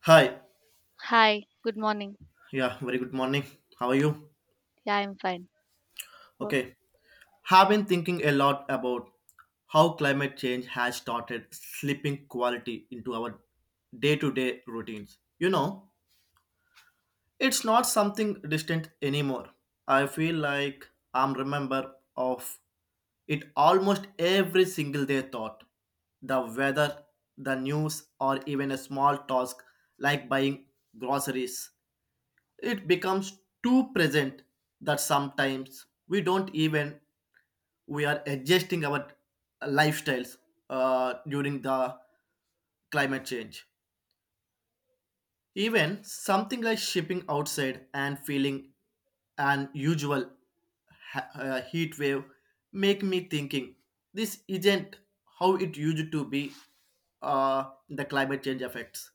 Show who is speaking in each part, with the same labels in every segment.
Speaker 1: Hi.
Speaker 2: Hi, good morning.
Speaker 1: Yeah, very good morning. How are you?
Speaker 2: Yeah, I'm fine. Wo-
Speaker 1: Okay. Have been thinking a lot about how climate change has started slipping quality into our day-to-day routines. You know, it's not something distant anymore. I feel like I'm remember of it almost every single day thought. The weather, the news, or even a small task like buying groceries it becomes too present that sometimes we don't even we are adjusting our lifestyles during the climate change even something like shipping outside and feeling an usual heat wave make me thinking this isn't how it used to be, the climate change effects.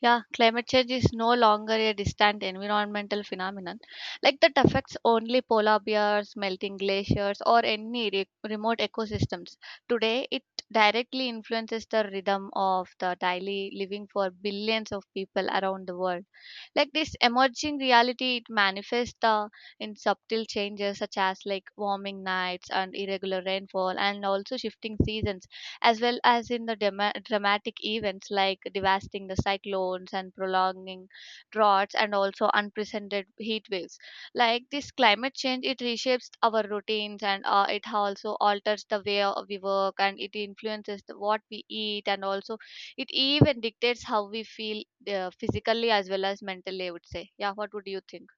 Speaker 2: Yeah, climate change is no longer a distant environmental phenomenon like that affects only polar bears, melting glaciers, or any remote ecosystems. Today, it directly influences the rhythm of the daily living for billions of people around the world. Like this emerging reality, it manifests in subtle changes such as like warming nights and irregular rainfall, and also shifting seasons as well as in the dema dramatic events like devastating the cyclones and prolonging droughts and also unprecedented heat waves. Like this climate change, it reshapes our routines and it also alters the way of we work and it influences what we eat and also it even dictates how we feel physically as well as mentally, I would say. Yeah, what would you think?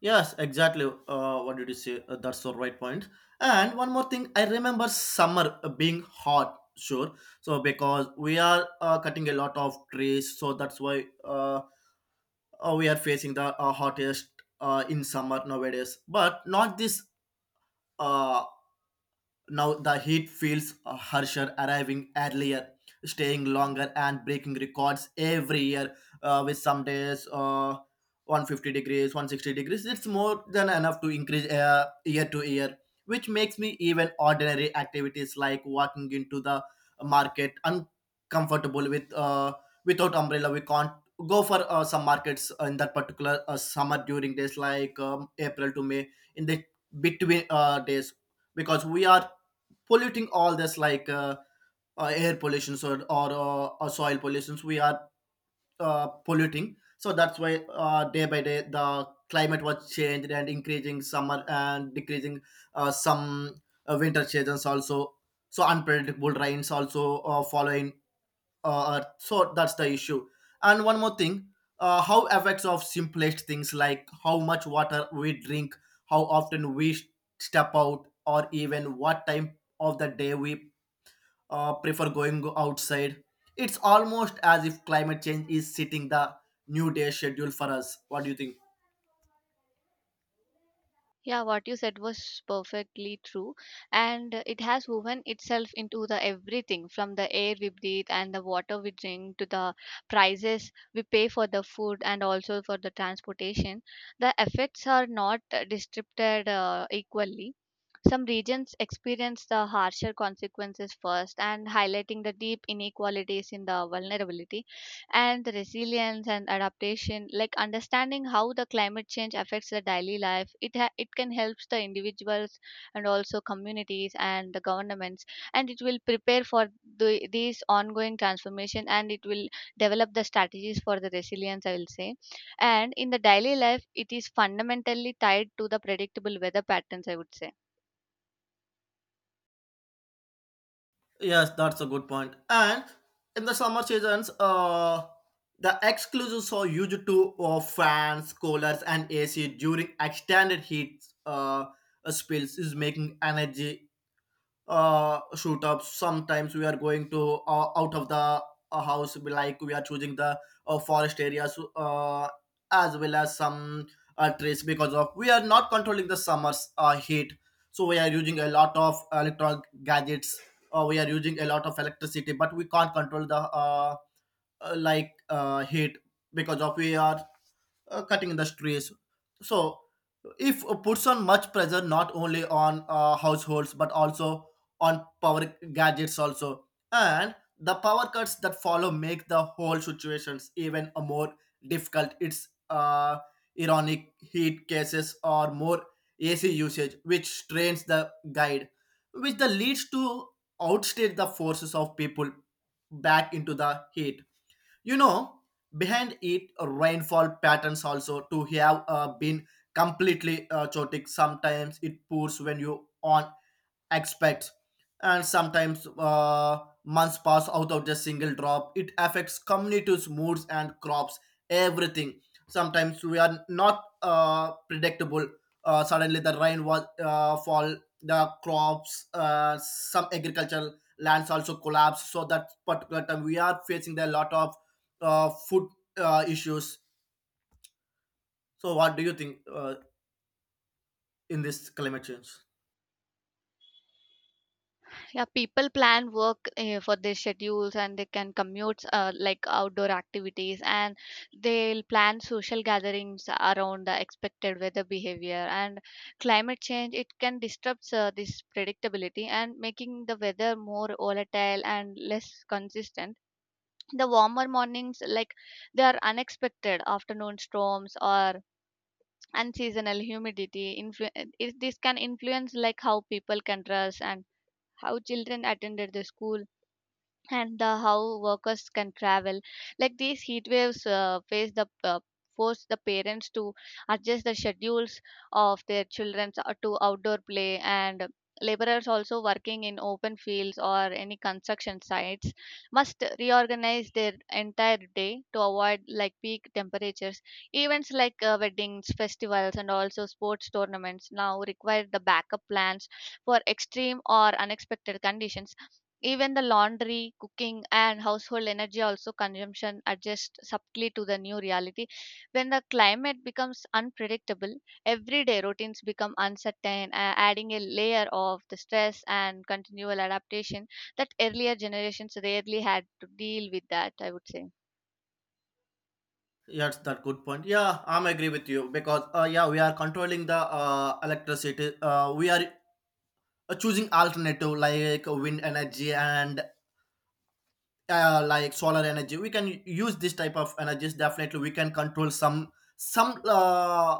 Speaker 1: Yes, exactly. What did you say? That's the right point. And one more thing, I remember summer being hot, sure. So because we are cutting a lot of trees, so that's why we are facing the hottest in summer nowadays. But not this uh, now the heat feels harsher, arriving earlier, staying longer, and breaking records every year. With some days, 150 degrees, 160 degrees. It's more than enough to increase year to year, which makes me even ordinary activities like walking into the market uncomfortable with without umbrella. We can't go for some markets in that particular summer during days like April to May in the between days because we are polluting all this like air pollutions or soil pollutions we are polluting so that's why day by day the climate was changed and increasing summer and decreasing some winter seasons also so unpredictable rains also following earth. So that's the issue. And one more thing, how effects of simplest things like how much water we drink, how often we step out or even what time of the day we prefer going outside. It's almost as if climate change is setting the new day schedule for us. What do you think?
Speaker 2: Yeah, what you said was perfectly true. And it has woven itself into the everything from the air we breathe and the water we drink to the prices we pay for the food and also for the transportation. The effects are not distributed equally. Some regions experience the harsher consequences first and highlighting the deep inequalities in the vulnerability and the resilience and adaptation like understanding how the climate change affects the daily life it can help the individuals and also communities and the governments and it will prepare for these ongoing transformation and it will develop the strategies for the resilience I will say, and in the daily life it is fundamentally tied to the predictable weather patterns, I would say.
Speaker 1: Yes, that's a good point. And in the summer seasons, the exclusives are used to fans, coolers, and AC during extended heat spells is making energy shoot up. Sometimes we are going to out of the house we like we are choosing the forest areas as well as some trees because of we are not controlling the summer's heat so we are using a lot of electronic gadgets, we are using a lot of electricity but we can't control the heat because of we are cutting the trees. So, if puts on much pressure not only on households but also on power gadgets also, and the power cuts that follow make the whole situations even a more difficult. It's ironic heat cases or more AC usage, which strains the guide, which the leads to outstate the forces of people back into the heat, you know. Behind it, rainfall patterns also to have been completely chaotic. Sometimes it pours when you on expects, and sometimes months pass out of the single drop. It affects communities moods and crops everything. Sometimes we are not predictable, suddenly the rain was fall, the crops some agricultural lands also collapse so that particular time we are facing a lot of food issues. So what do you think in this climate change?
Speaker 2: Yeah, people plan work for their schedules and they can commute like outdoor activities and they'll plan social gatherings around the expected weather behavior and climate change it can disrupt this predictability and making the weather more volatile and less consistent. The warmer mornings like they are unexpected afternoon storms or unseasonal humidity this can influence like how people can dress and how children attended the school and the how workers can travel like these heat waves face the force the parents to adjust the schedules of their children to outdoor play and laborers also working in open fields or any construction sites must reorganize their entire day to avoid like peak temperatures events like weddings festivals and also sports tournaments now require the backup plans for extreme or unexpected conditions even the laundry, cooking, and household energy also consumption adjust subtly to the new reality. When the climate becomes unpredictable, everyday routines become uncertain, adding a layer of the stress and continual adaptation that earlier generations rarely had to deal with. That I would say.
Speaker 1: Yes, that good point. Yeah, I'm agree with you because yeah, we are controlling the electricity. We are choosing alternative like wind energy and like solar energy. We can use this type of energies. Definitely, we can control some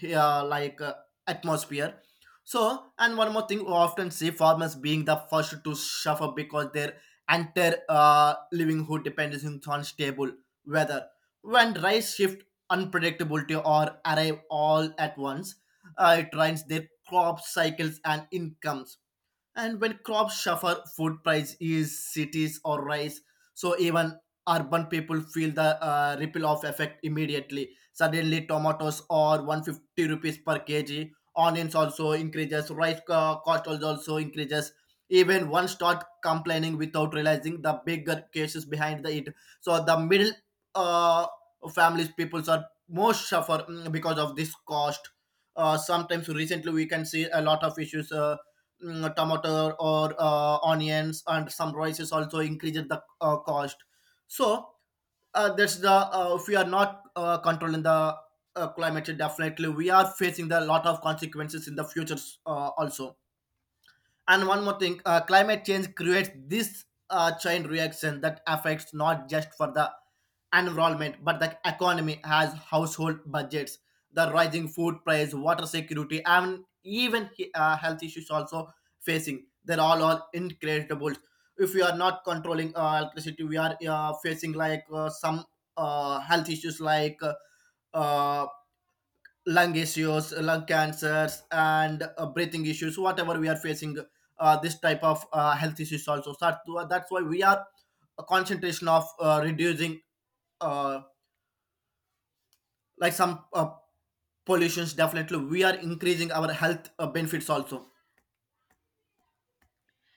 Speaker 1: yeah, like atmosphere. So, and one more thing, we often see farmers being the first to suffer because their entire livelihood depends on stable weather. When rice shift unpredictability or arrive all at once, it ruins their crop cycles and incomes. And when crops suffer food price is cities or rise, so even urban people feel the ripple of effect immediately. Suddenly tomatoes are 150 rupees per kg, onions also increases, rice co- cost also also increases, even one start complaining without realizing the bigger cases behind the it. So the middle uh, families peoples are most suffer, because of this cost. Sometimes recently we can see a lot of issues, tomato or onions and some rices also increases the cost. So, that's the if we are not controlling the climate change definitely we are facing the lot of consequences in the future also. And one more thing, climate change creates this chain reaction that affects not just for the environment but the economy has household budgets, the rising food price, water security, and even health issues also facing. They're all incredible. If we are not controlling electricity, we are facing like some health issues like. Uh, Lung issues, lung cancers, and breathing issues, whatever we are facing, this type of health issues also. So that's why we are a concentration of reducing uh, like some pollutions. Definitely, we are increasing our health benefits also.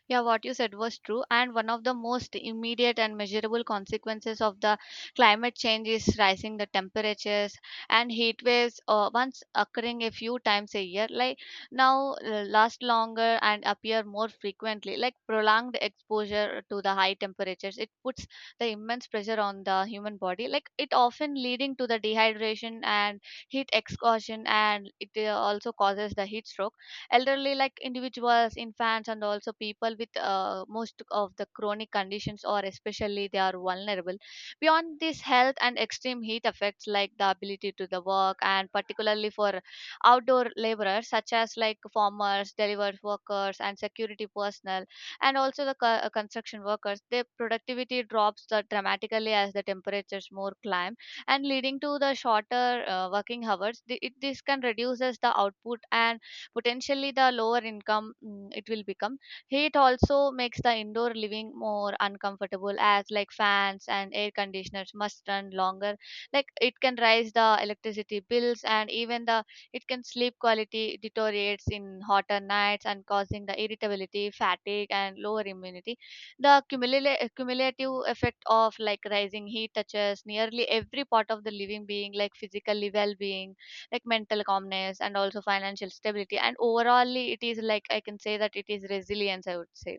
Speaker 2: Yeah, what you said was true. And one of the most immediate and measurable consequences of the climate change is rising the temperatures and heat waves once occurring a few times a year, like now last longer and appear more frequently. Like prolonged exposure to the high temperatures, it puts the immense pressure on the human body. Like it often leading to the dehydration and heat exhaustion, and it also causes the heat stroke elderly like individuals infants and also people with most of the chronic conditions or especially they are vulnerable beyond this health and extreme heat affects like the ability to the work and particularly for outdoor laborers such as like farmers delivery workers and security personnel and also the construction workers their productivity drops dramatically as the temperatures more climb and leading to the shorter working hours. This can reduces the output and potentially the lower income mm, it will become. Heat also makes the indoor living more uncomfortable as like fans and air conditioners must run longer. Like it can rise the electricity bills and even the it can sleep quality deteriorates in hotter nights and causing the irritability, fatigue and lower immunity. The cumulative effect of like rising heat touches nearly every part of the living being like physically well-being like mental calmness and also financial stability. And overall, it is like I can say that it is resilience, I would say.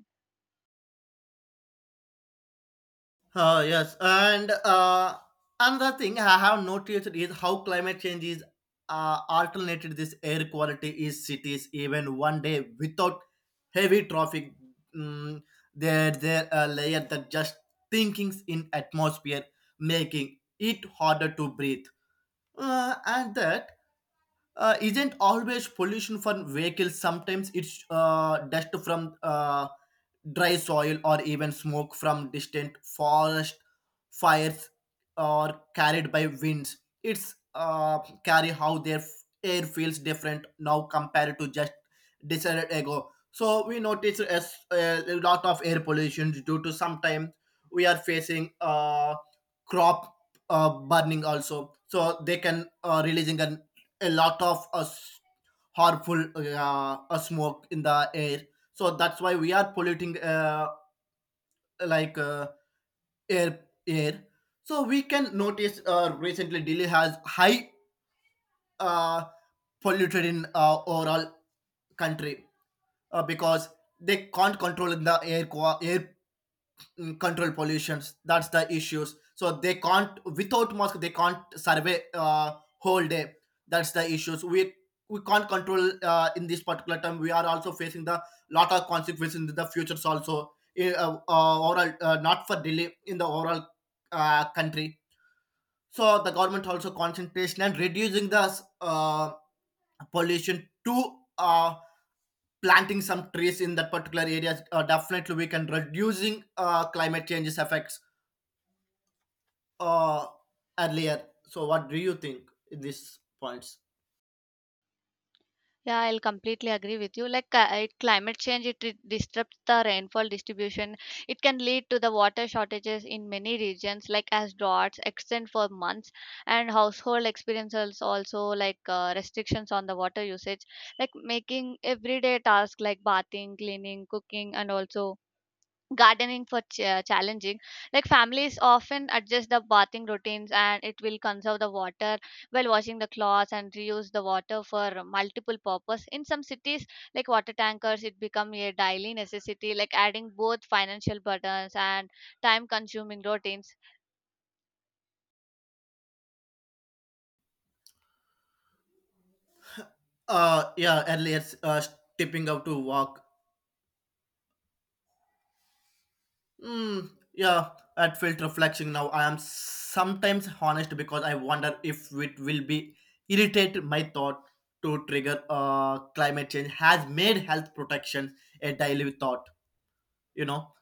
Speaker 1: Yes, and another thing I have noticed is how climate change is alternated this air quality is cities even one day without heavy traffic. Mm, there a layer that just thinkings in atmosphere, making it harder to breathe. And that isn't always pollution from vehicles. Sometimes it's dust from dry soil, or even smoke from distant forest fires or carried by winds. It's carry how their air feels different now compared to just decade ago. So we notice a lot of air pollution due to sometimes we are facing crop burning also. So they can releasing an, a lot of harmful smoke in the air, so that's why we are polluting like uh, air air. So we can notice recently Delhi has high uh, polluted in overall country because they can't control the air, control pollutions, that's the issues. So they can't without mask they can't survey whole day, that's the issues. We can't control in this particular time we are also facing the lot of consequences in the futures also in, overall, not for delay in the overall country. So the government also concentration and reducing the pollution to planting some trees in that particular area, definitely we can reducing climate changes effects uh earlier. So what do you think in these points?
Speaker 2: Yeah, I'll completely agree with you. Like climate change, it disrupts the rainfall distribution. It can lead to the water shortages in many regions, like as droughts extend for months, and household experiences also like restrictions on the water usage, like making everyday tasks like bathing, cleaning, cooking, and also gardening for challenging like families often adjust the bathing routines and it will conserve the water while washing the clothes and reuse the water for multiple purpose in some cities like water tankers it become a daily necessity like adding both financial burdens and time consuming routines.
Speaker 1: Yeah, earlier stepping out to walk. Hmm. Yeah, that felt reflection now I am sometimes honest because I wonder if it will be irritate my thought to trigger. Climate change has made health protection a daily thought, you know.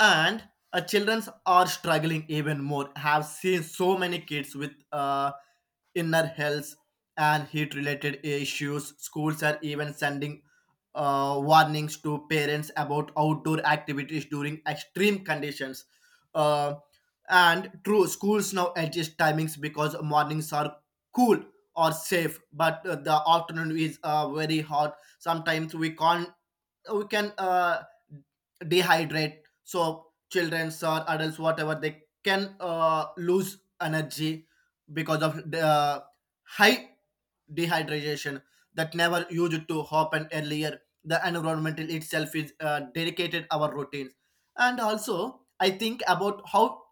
Speaker 1: And children are struggling even more. Have seen so many kids with inner health and heat related issues. Schools are even sending warnings to parents about outdoor activities during extreme conditions. uh, and true schools now adjust timings because mornings are cool or safe but the afternoon is very hot. Sometimes we can't we can dehydrate, so childrens or adults whatever they can lose energy because of the high dehydration. That never used to happen earlier. The environment itself is dedicated our routines, and also I think about how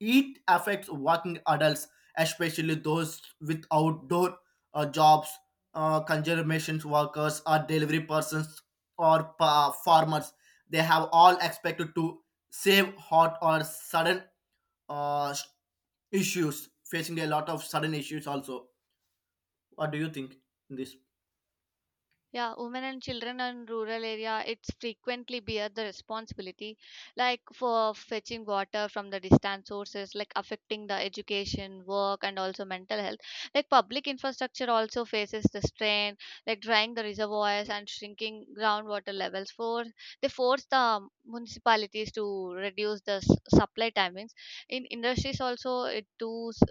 Speaker 1: it affects working adults, especially those with outdoor jobs, conservation workers, or delivery persons, or farmers. They have all expected to save hot or sudden uh, issues, facing a lot of sudden issues also. What do you think in this?
Speaker 2: Yeah, women and children in rural area, it's frequently bear the responsibility, like for fetching water from the distant sources, like affecting the education, work, and also mental health. Like public infrastructure also faces the strain, like drying the reservoirs and shrinking groundwater levels. For they force the municipalities to reduce the supply timings. In industries also, it does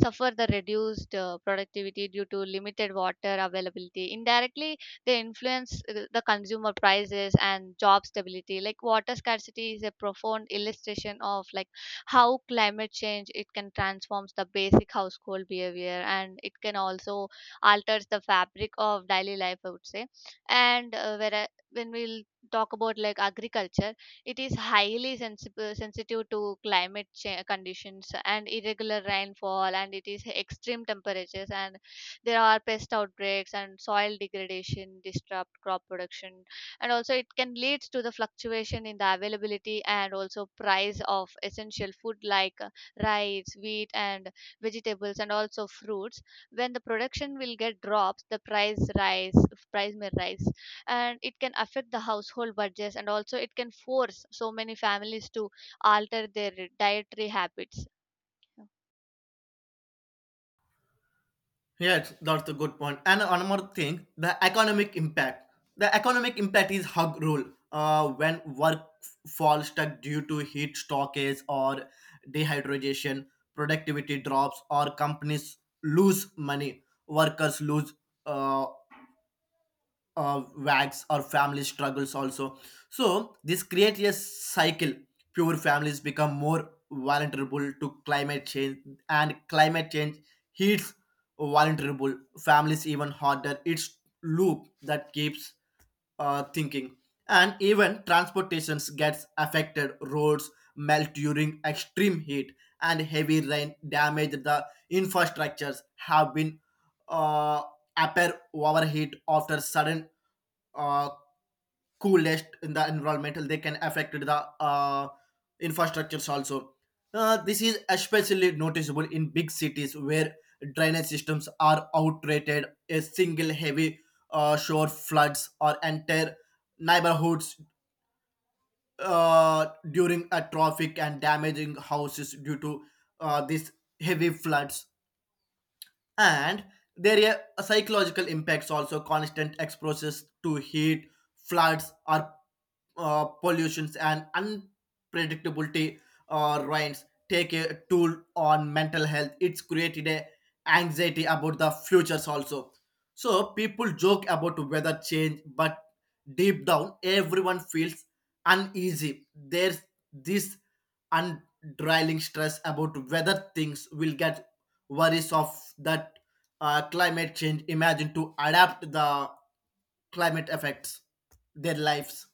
Speaker 2: suffer the reduced productivity due to limited water availability. Indirectly, they influence the consumer prices and job stability. Like water scarcity is a profound illustration of like how climate change it can transforms the basic household behavior and it can also alters the fabric of daily life. I would say, and where when we'll talk about like agriculture it is highly sensitive to climate conditions and irregular rainfall, and it is extreme temperatures, and there are pest outbreaks and soil degradation, disrupt crop production, and also it can lead to the fluctuation in the availability and also price of essential food like rice, wheat, and vegetables, and also fruits. When the production will get drops, price may rise and it can affect the household budgets and also it can force so many families to alter their dietary habits.
Speaker 1: Yes, that's a good point. And another thing, the economic impact. The economic impact is hug rule. When falls stuck due to heat stockage or dehydration, productivity drops, or companies lose money, workers lose uh, wags or family struggles also, so this creates a cycle. Poor families become more vulnerable to climate change, and climate change hits vulnerable families even harder. It's loop that keeps thinking. And even transportations gets affected. Roads melt during extreme heat, and heavy rain damage the infrastructures have been uh, appear overheat after sudden uh, coolest in the environmental. They can affect the infrastructures also. This is especially noticeable in big cities where drainage systems are outdated. A single heavy shore floods or entire neighborhoods during a traffic and damaging houses due to these heavy floods. And there are psychological impacts also. Constant exposures to heat, floods, or pollutions and unpredictability or rains take a toll on mental health. It's created a anxiety about the futures also. So people joke about weather change, but deep down everyone feels uneasy. There's this undrilling stress about whether things will get worries of that. Climate change imagine to adapt the climate effects their lives.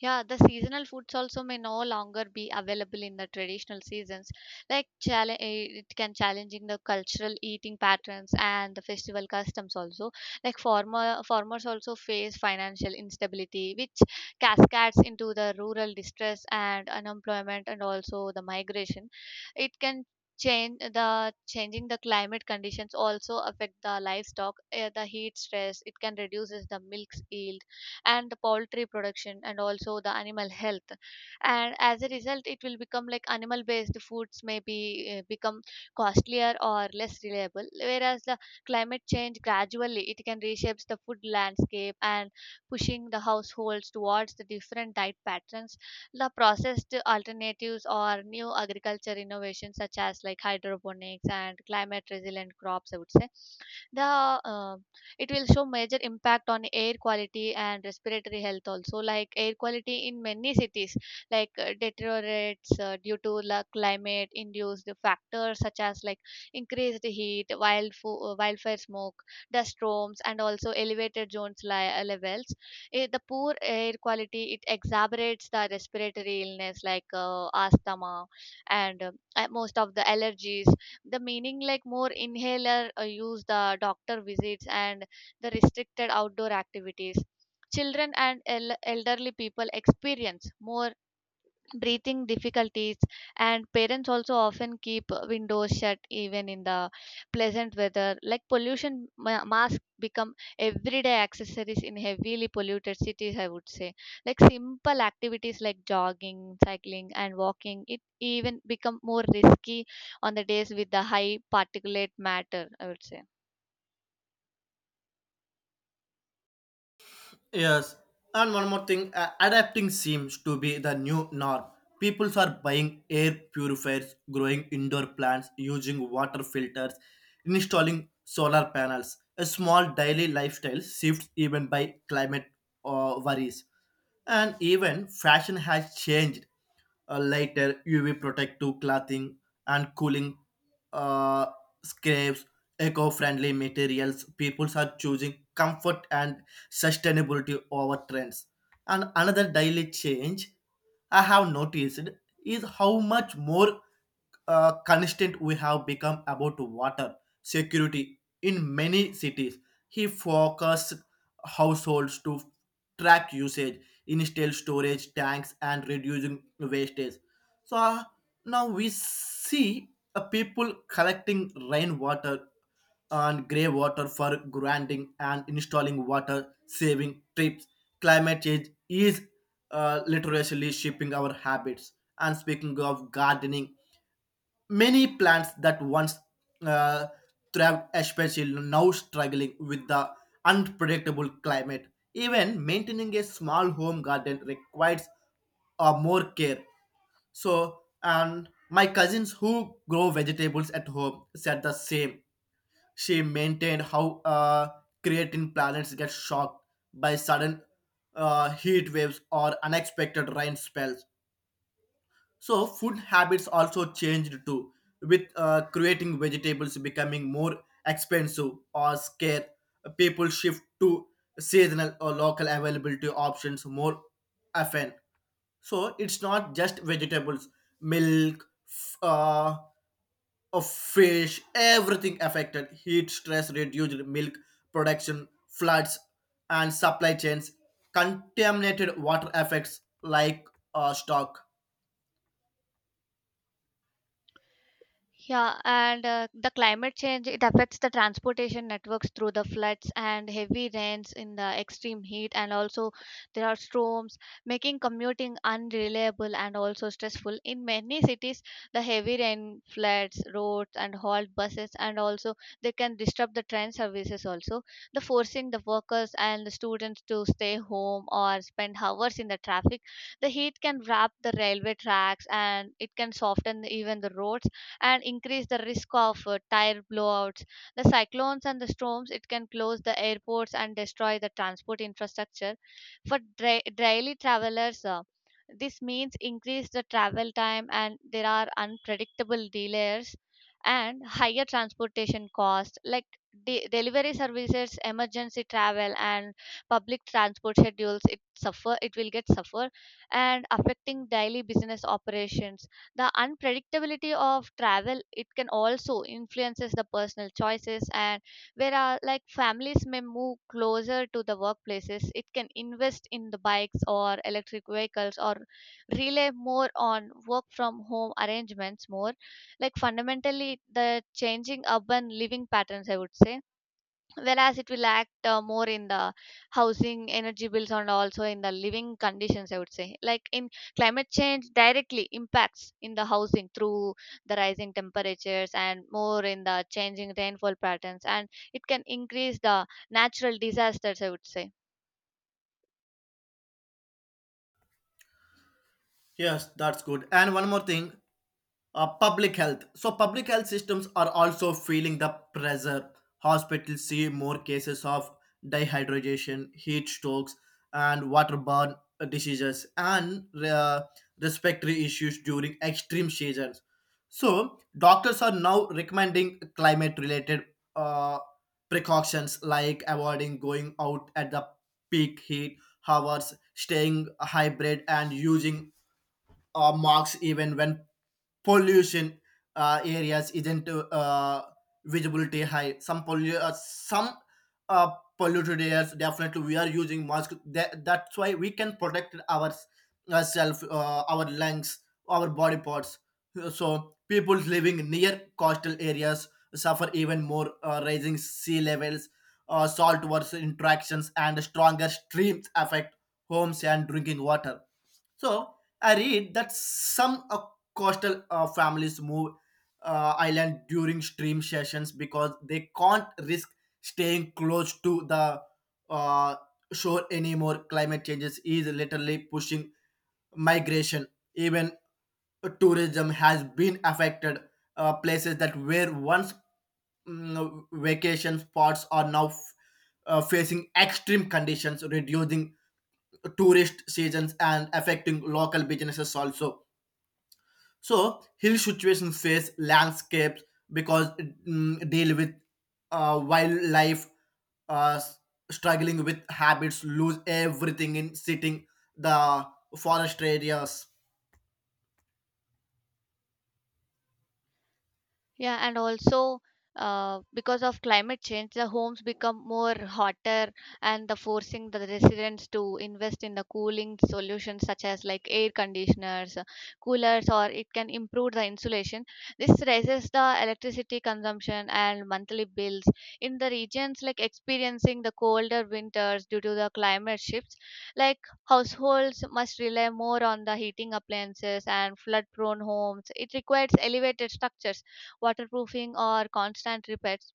Speaker 2: Yeah, the seasonal foods also may no longer be available in the traditional seasons. Like challenge, it can challenging the cultural eating patterns and the festival customs also. Like farmers also face financial instability, which cascades into the rural distress and unemployment and also the migration. It can change the changing the climate conditions also affect the livestock the heat stress it can reduces the milk's yield and the poultry production and also the animal health and as a result it will become like animal based foods may be become costlier or less reliable whereas the climate change gradually it can reshapes the food landscape and pushing the households towards the different diet patterns the processed alternatives or new agriculture innovations such as like hydroponics and climate resilient crops, I would say. The it will show major impact on air quality and respiratory health also like air quality in many cities like deteriorates due to climate induced factors such as like increased heat wildfire smoke dust storms and also elevated zones levels. Eh, the poor air quality it exacerbates the respiratory illness like asthma and most of the allergies the meaning like more inhaler use the doctor visits and the restricted outdoor activities. Children and elderly people experience more breathing difficulties, and parents also often keep windows shut even in the pleasant weather. Like pollution masks become everyday accessories in heavily polluted cities, I would say. Like simple activities like jogging, cycling, and walking, it even become more risky on the days with the high particulate matter, I would say.
Speaker 1: Yes, and one more thing, adapting seems to be the new norm. People are buying air purifiers, growing indoor plants, using water filters, installing solar panels. A small daily lifestyle shifts even by climate worries. And even fashion has changed. Lighter UV protective clothing and cooling uh, scrapes, eco friendly materials. People are choosing comfort and sustainability over trends. And another daily change I have noticed is how much more constant we have become about water security in many cities. He focused households to track usage, install storage tanks, and reducing wastage. So now we see people collecting rainwater and grey water for granting and installing water saving trips. Climate change is literally shaping our habits. And speaking of gardening, many plants that once uh, thrived, especially now struggling with the unpredictable climate. Even maintaining a small home garden requires more care. So, and my cousins who grow vegetables at home said the same. She maintained how creating planets get shocked by sudden heat waves or unexpected rain spells. So food habits also changed too, with creating vegetables becoming more expensive or scarce. People shift to seasonal or local availability options more often. So it's not just vegetables, milk, of fish, everything affected. Heat stress reduced milk production, floods, and supply chains. Contaminated water affects like stock.
Speaker 2: Yeah, and the climate change it affects the transportation networks through the floods and heavy rains in the extreme heat, and also there are storms, making commuting unreliable and also stressful. In many cities, the heavy rain floods roads and halt buses, and also they can disrupt the train services. Also, the forcing the workers and the students to stay home or spend hours in the traffic. The heat can wrap the railway tracks, and it can soften even the roads and increase the risk of tire blowouts. The cyclones and the storms it can close the airports and destroy the transport infrastructure. For daily travelers, this means increase the travel time and there are unpredictable delays and higher transportation costs like delivery services emergency travel and public transport schedules it will get suffer and affecting daily business operations the unpredictability of travel it can also influences the personal choices and where like families may move closer to the workplaces it can invest in the bikes or electric vehicles or rely more on work from home arrangements more like fundamentally the changing urban living patterns, I would say, whereas it will act more in the housing energy bills and also in the living conditions, I would say, like in climate change directly impacts in the housing through the rising temperatures and more in the changing rainfall patterns and it can increase the natural disasters, I would say.
Speaker 1: Yes, that's good. And one more thing, public health. So, public health systems are also feeling the pressure. Hospitals see more cases of dehydration, heat strokes, and waterborne diseases and respiratory issues during extreme seasons. So, doctors are now recommending climate related uh, precautions like avoiding going out at the peak heat hours, staying hybrid, and using marks even when pollution areas isn't visibility high. Some uh, polluted areas definitely we are using masks. That's why we can protect our ourselves, our lungs, our body parts. So people living near coastal areas suffer even more, rising sea levels, saltwater interactions, and stronger streams affect homes and drinking water. So I read that some coastal families move island during stream sessions because they can't risk staying close to the uh, shore anymore. Climate changes is literally pushing migration. Even tourism has been affected. Places that were once vacation spots are now facing extreme conditions, reducing tourist seasons and affecting local businesses also. So hill situations face landscapes because deal with wildlife uh, s- struggling with habits, lose everything in sitting the forest areas.
Speaker 2: Yeah, and also because of climate change, the homes become more hotter and the forcing the residents to invest in the cooling solutions such as like air conditioners, coolers, or it can improve the insulation. This raises the electricity consumption and monthly bills. In the regions like experiencing the colder winters due to the climate shifts, like households must rely more on the heating appliances and flood prone homes. It requires elevated structures waterproofing, or constant repairs.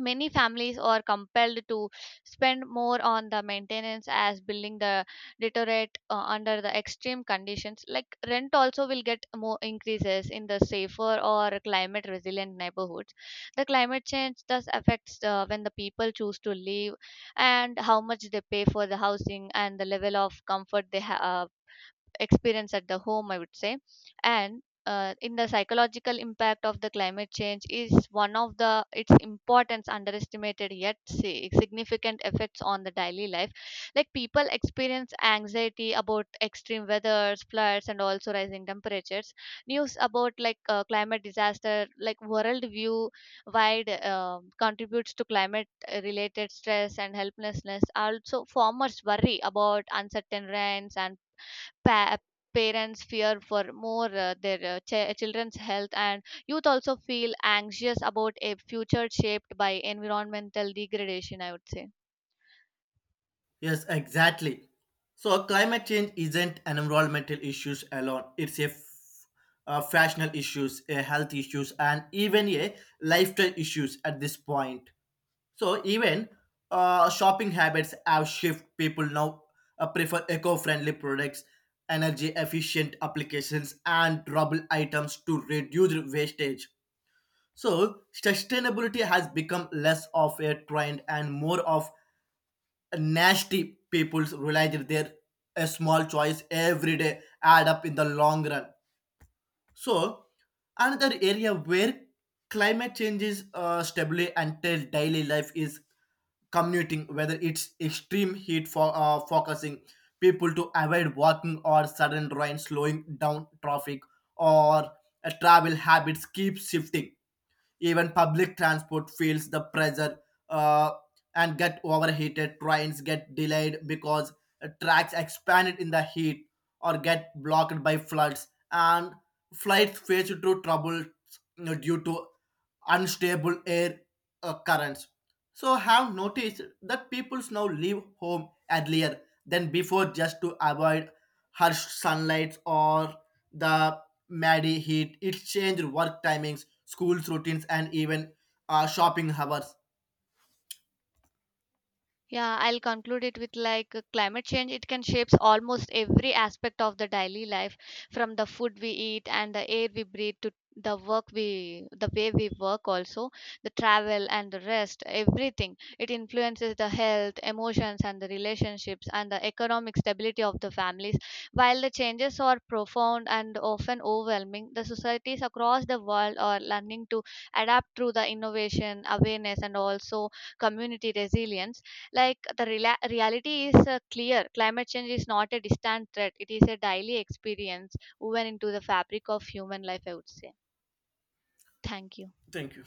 Speaker 2: Many families are compelled to spend more on the maintenance as building the deteriorate under the extreme conditions. Like rent also will get more increases in the safer or climate resilient neighborhoods. The climate change thus affects when the people choose to live and how much they pay for the housing and the level of comfort they have experience at the home, I would say. And in the psychological impact of the climate change is one of the its importance underestimated yet significant effects on the daily life like people experience anxiety about extreme weathers floods and also rising temperatures news about like climate disaster like world view wide contributes to climate related stress and helplessness also farmers worry about uncertain rains and pa- parents fear for more their children's health and youth also feel anxious about a future shaped by environmental degradation, I would say.
Speaker 1: Yes, exactly. So climate change isn't an environmental issues alone. It's a fashional issues, a health issues, and even a lifestyle issues at this point. So even shopping habits have shifted. People now prefer eco-friendly products, energy-efficient applications, and durable items to reduce wastage. So sustainability has become less of a trend and more of a nasty people's realize that their a small choice every day add up in the long run. So, another area where climate change is stably until daily life is commuting, whether it's extreme heat for focusing people to avoid walking or sudden rain slowing down traffic, or travel habits keep shifting. Even public transport feels the pressure uh, and get overheated. Trains get delayed because tracks expanded in the heat or get blocked by floods. And flights face through trouble, you know, due to unstable air currents. So have noticed that peoples now leave home earlier than before just to avoid harsh sunlight or the Maddie heat. It changed work timings, school's routines, and even shopping hours.
Speaker 2: Yeah, I'll conclude it with like climate change. It can shapes almost every aspect of the daily life, from the food we eat and the air we breathe to the way we work, also the travel and the rest, everything. It influences the health, emotions, and the relationships and the economic stability of the families. While the changes are profound and often overwhelming, the societies across the world are learning to adapt through the innovation, awareness, and also community resilience like the reality is clear. Climate change is not a distant threat, it is a daily experience woven into the fabric of human life, I would say. Thank you.
Speaker 1: Thank you.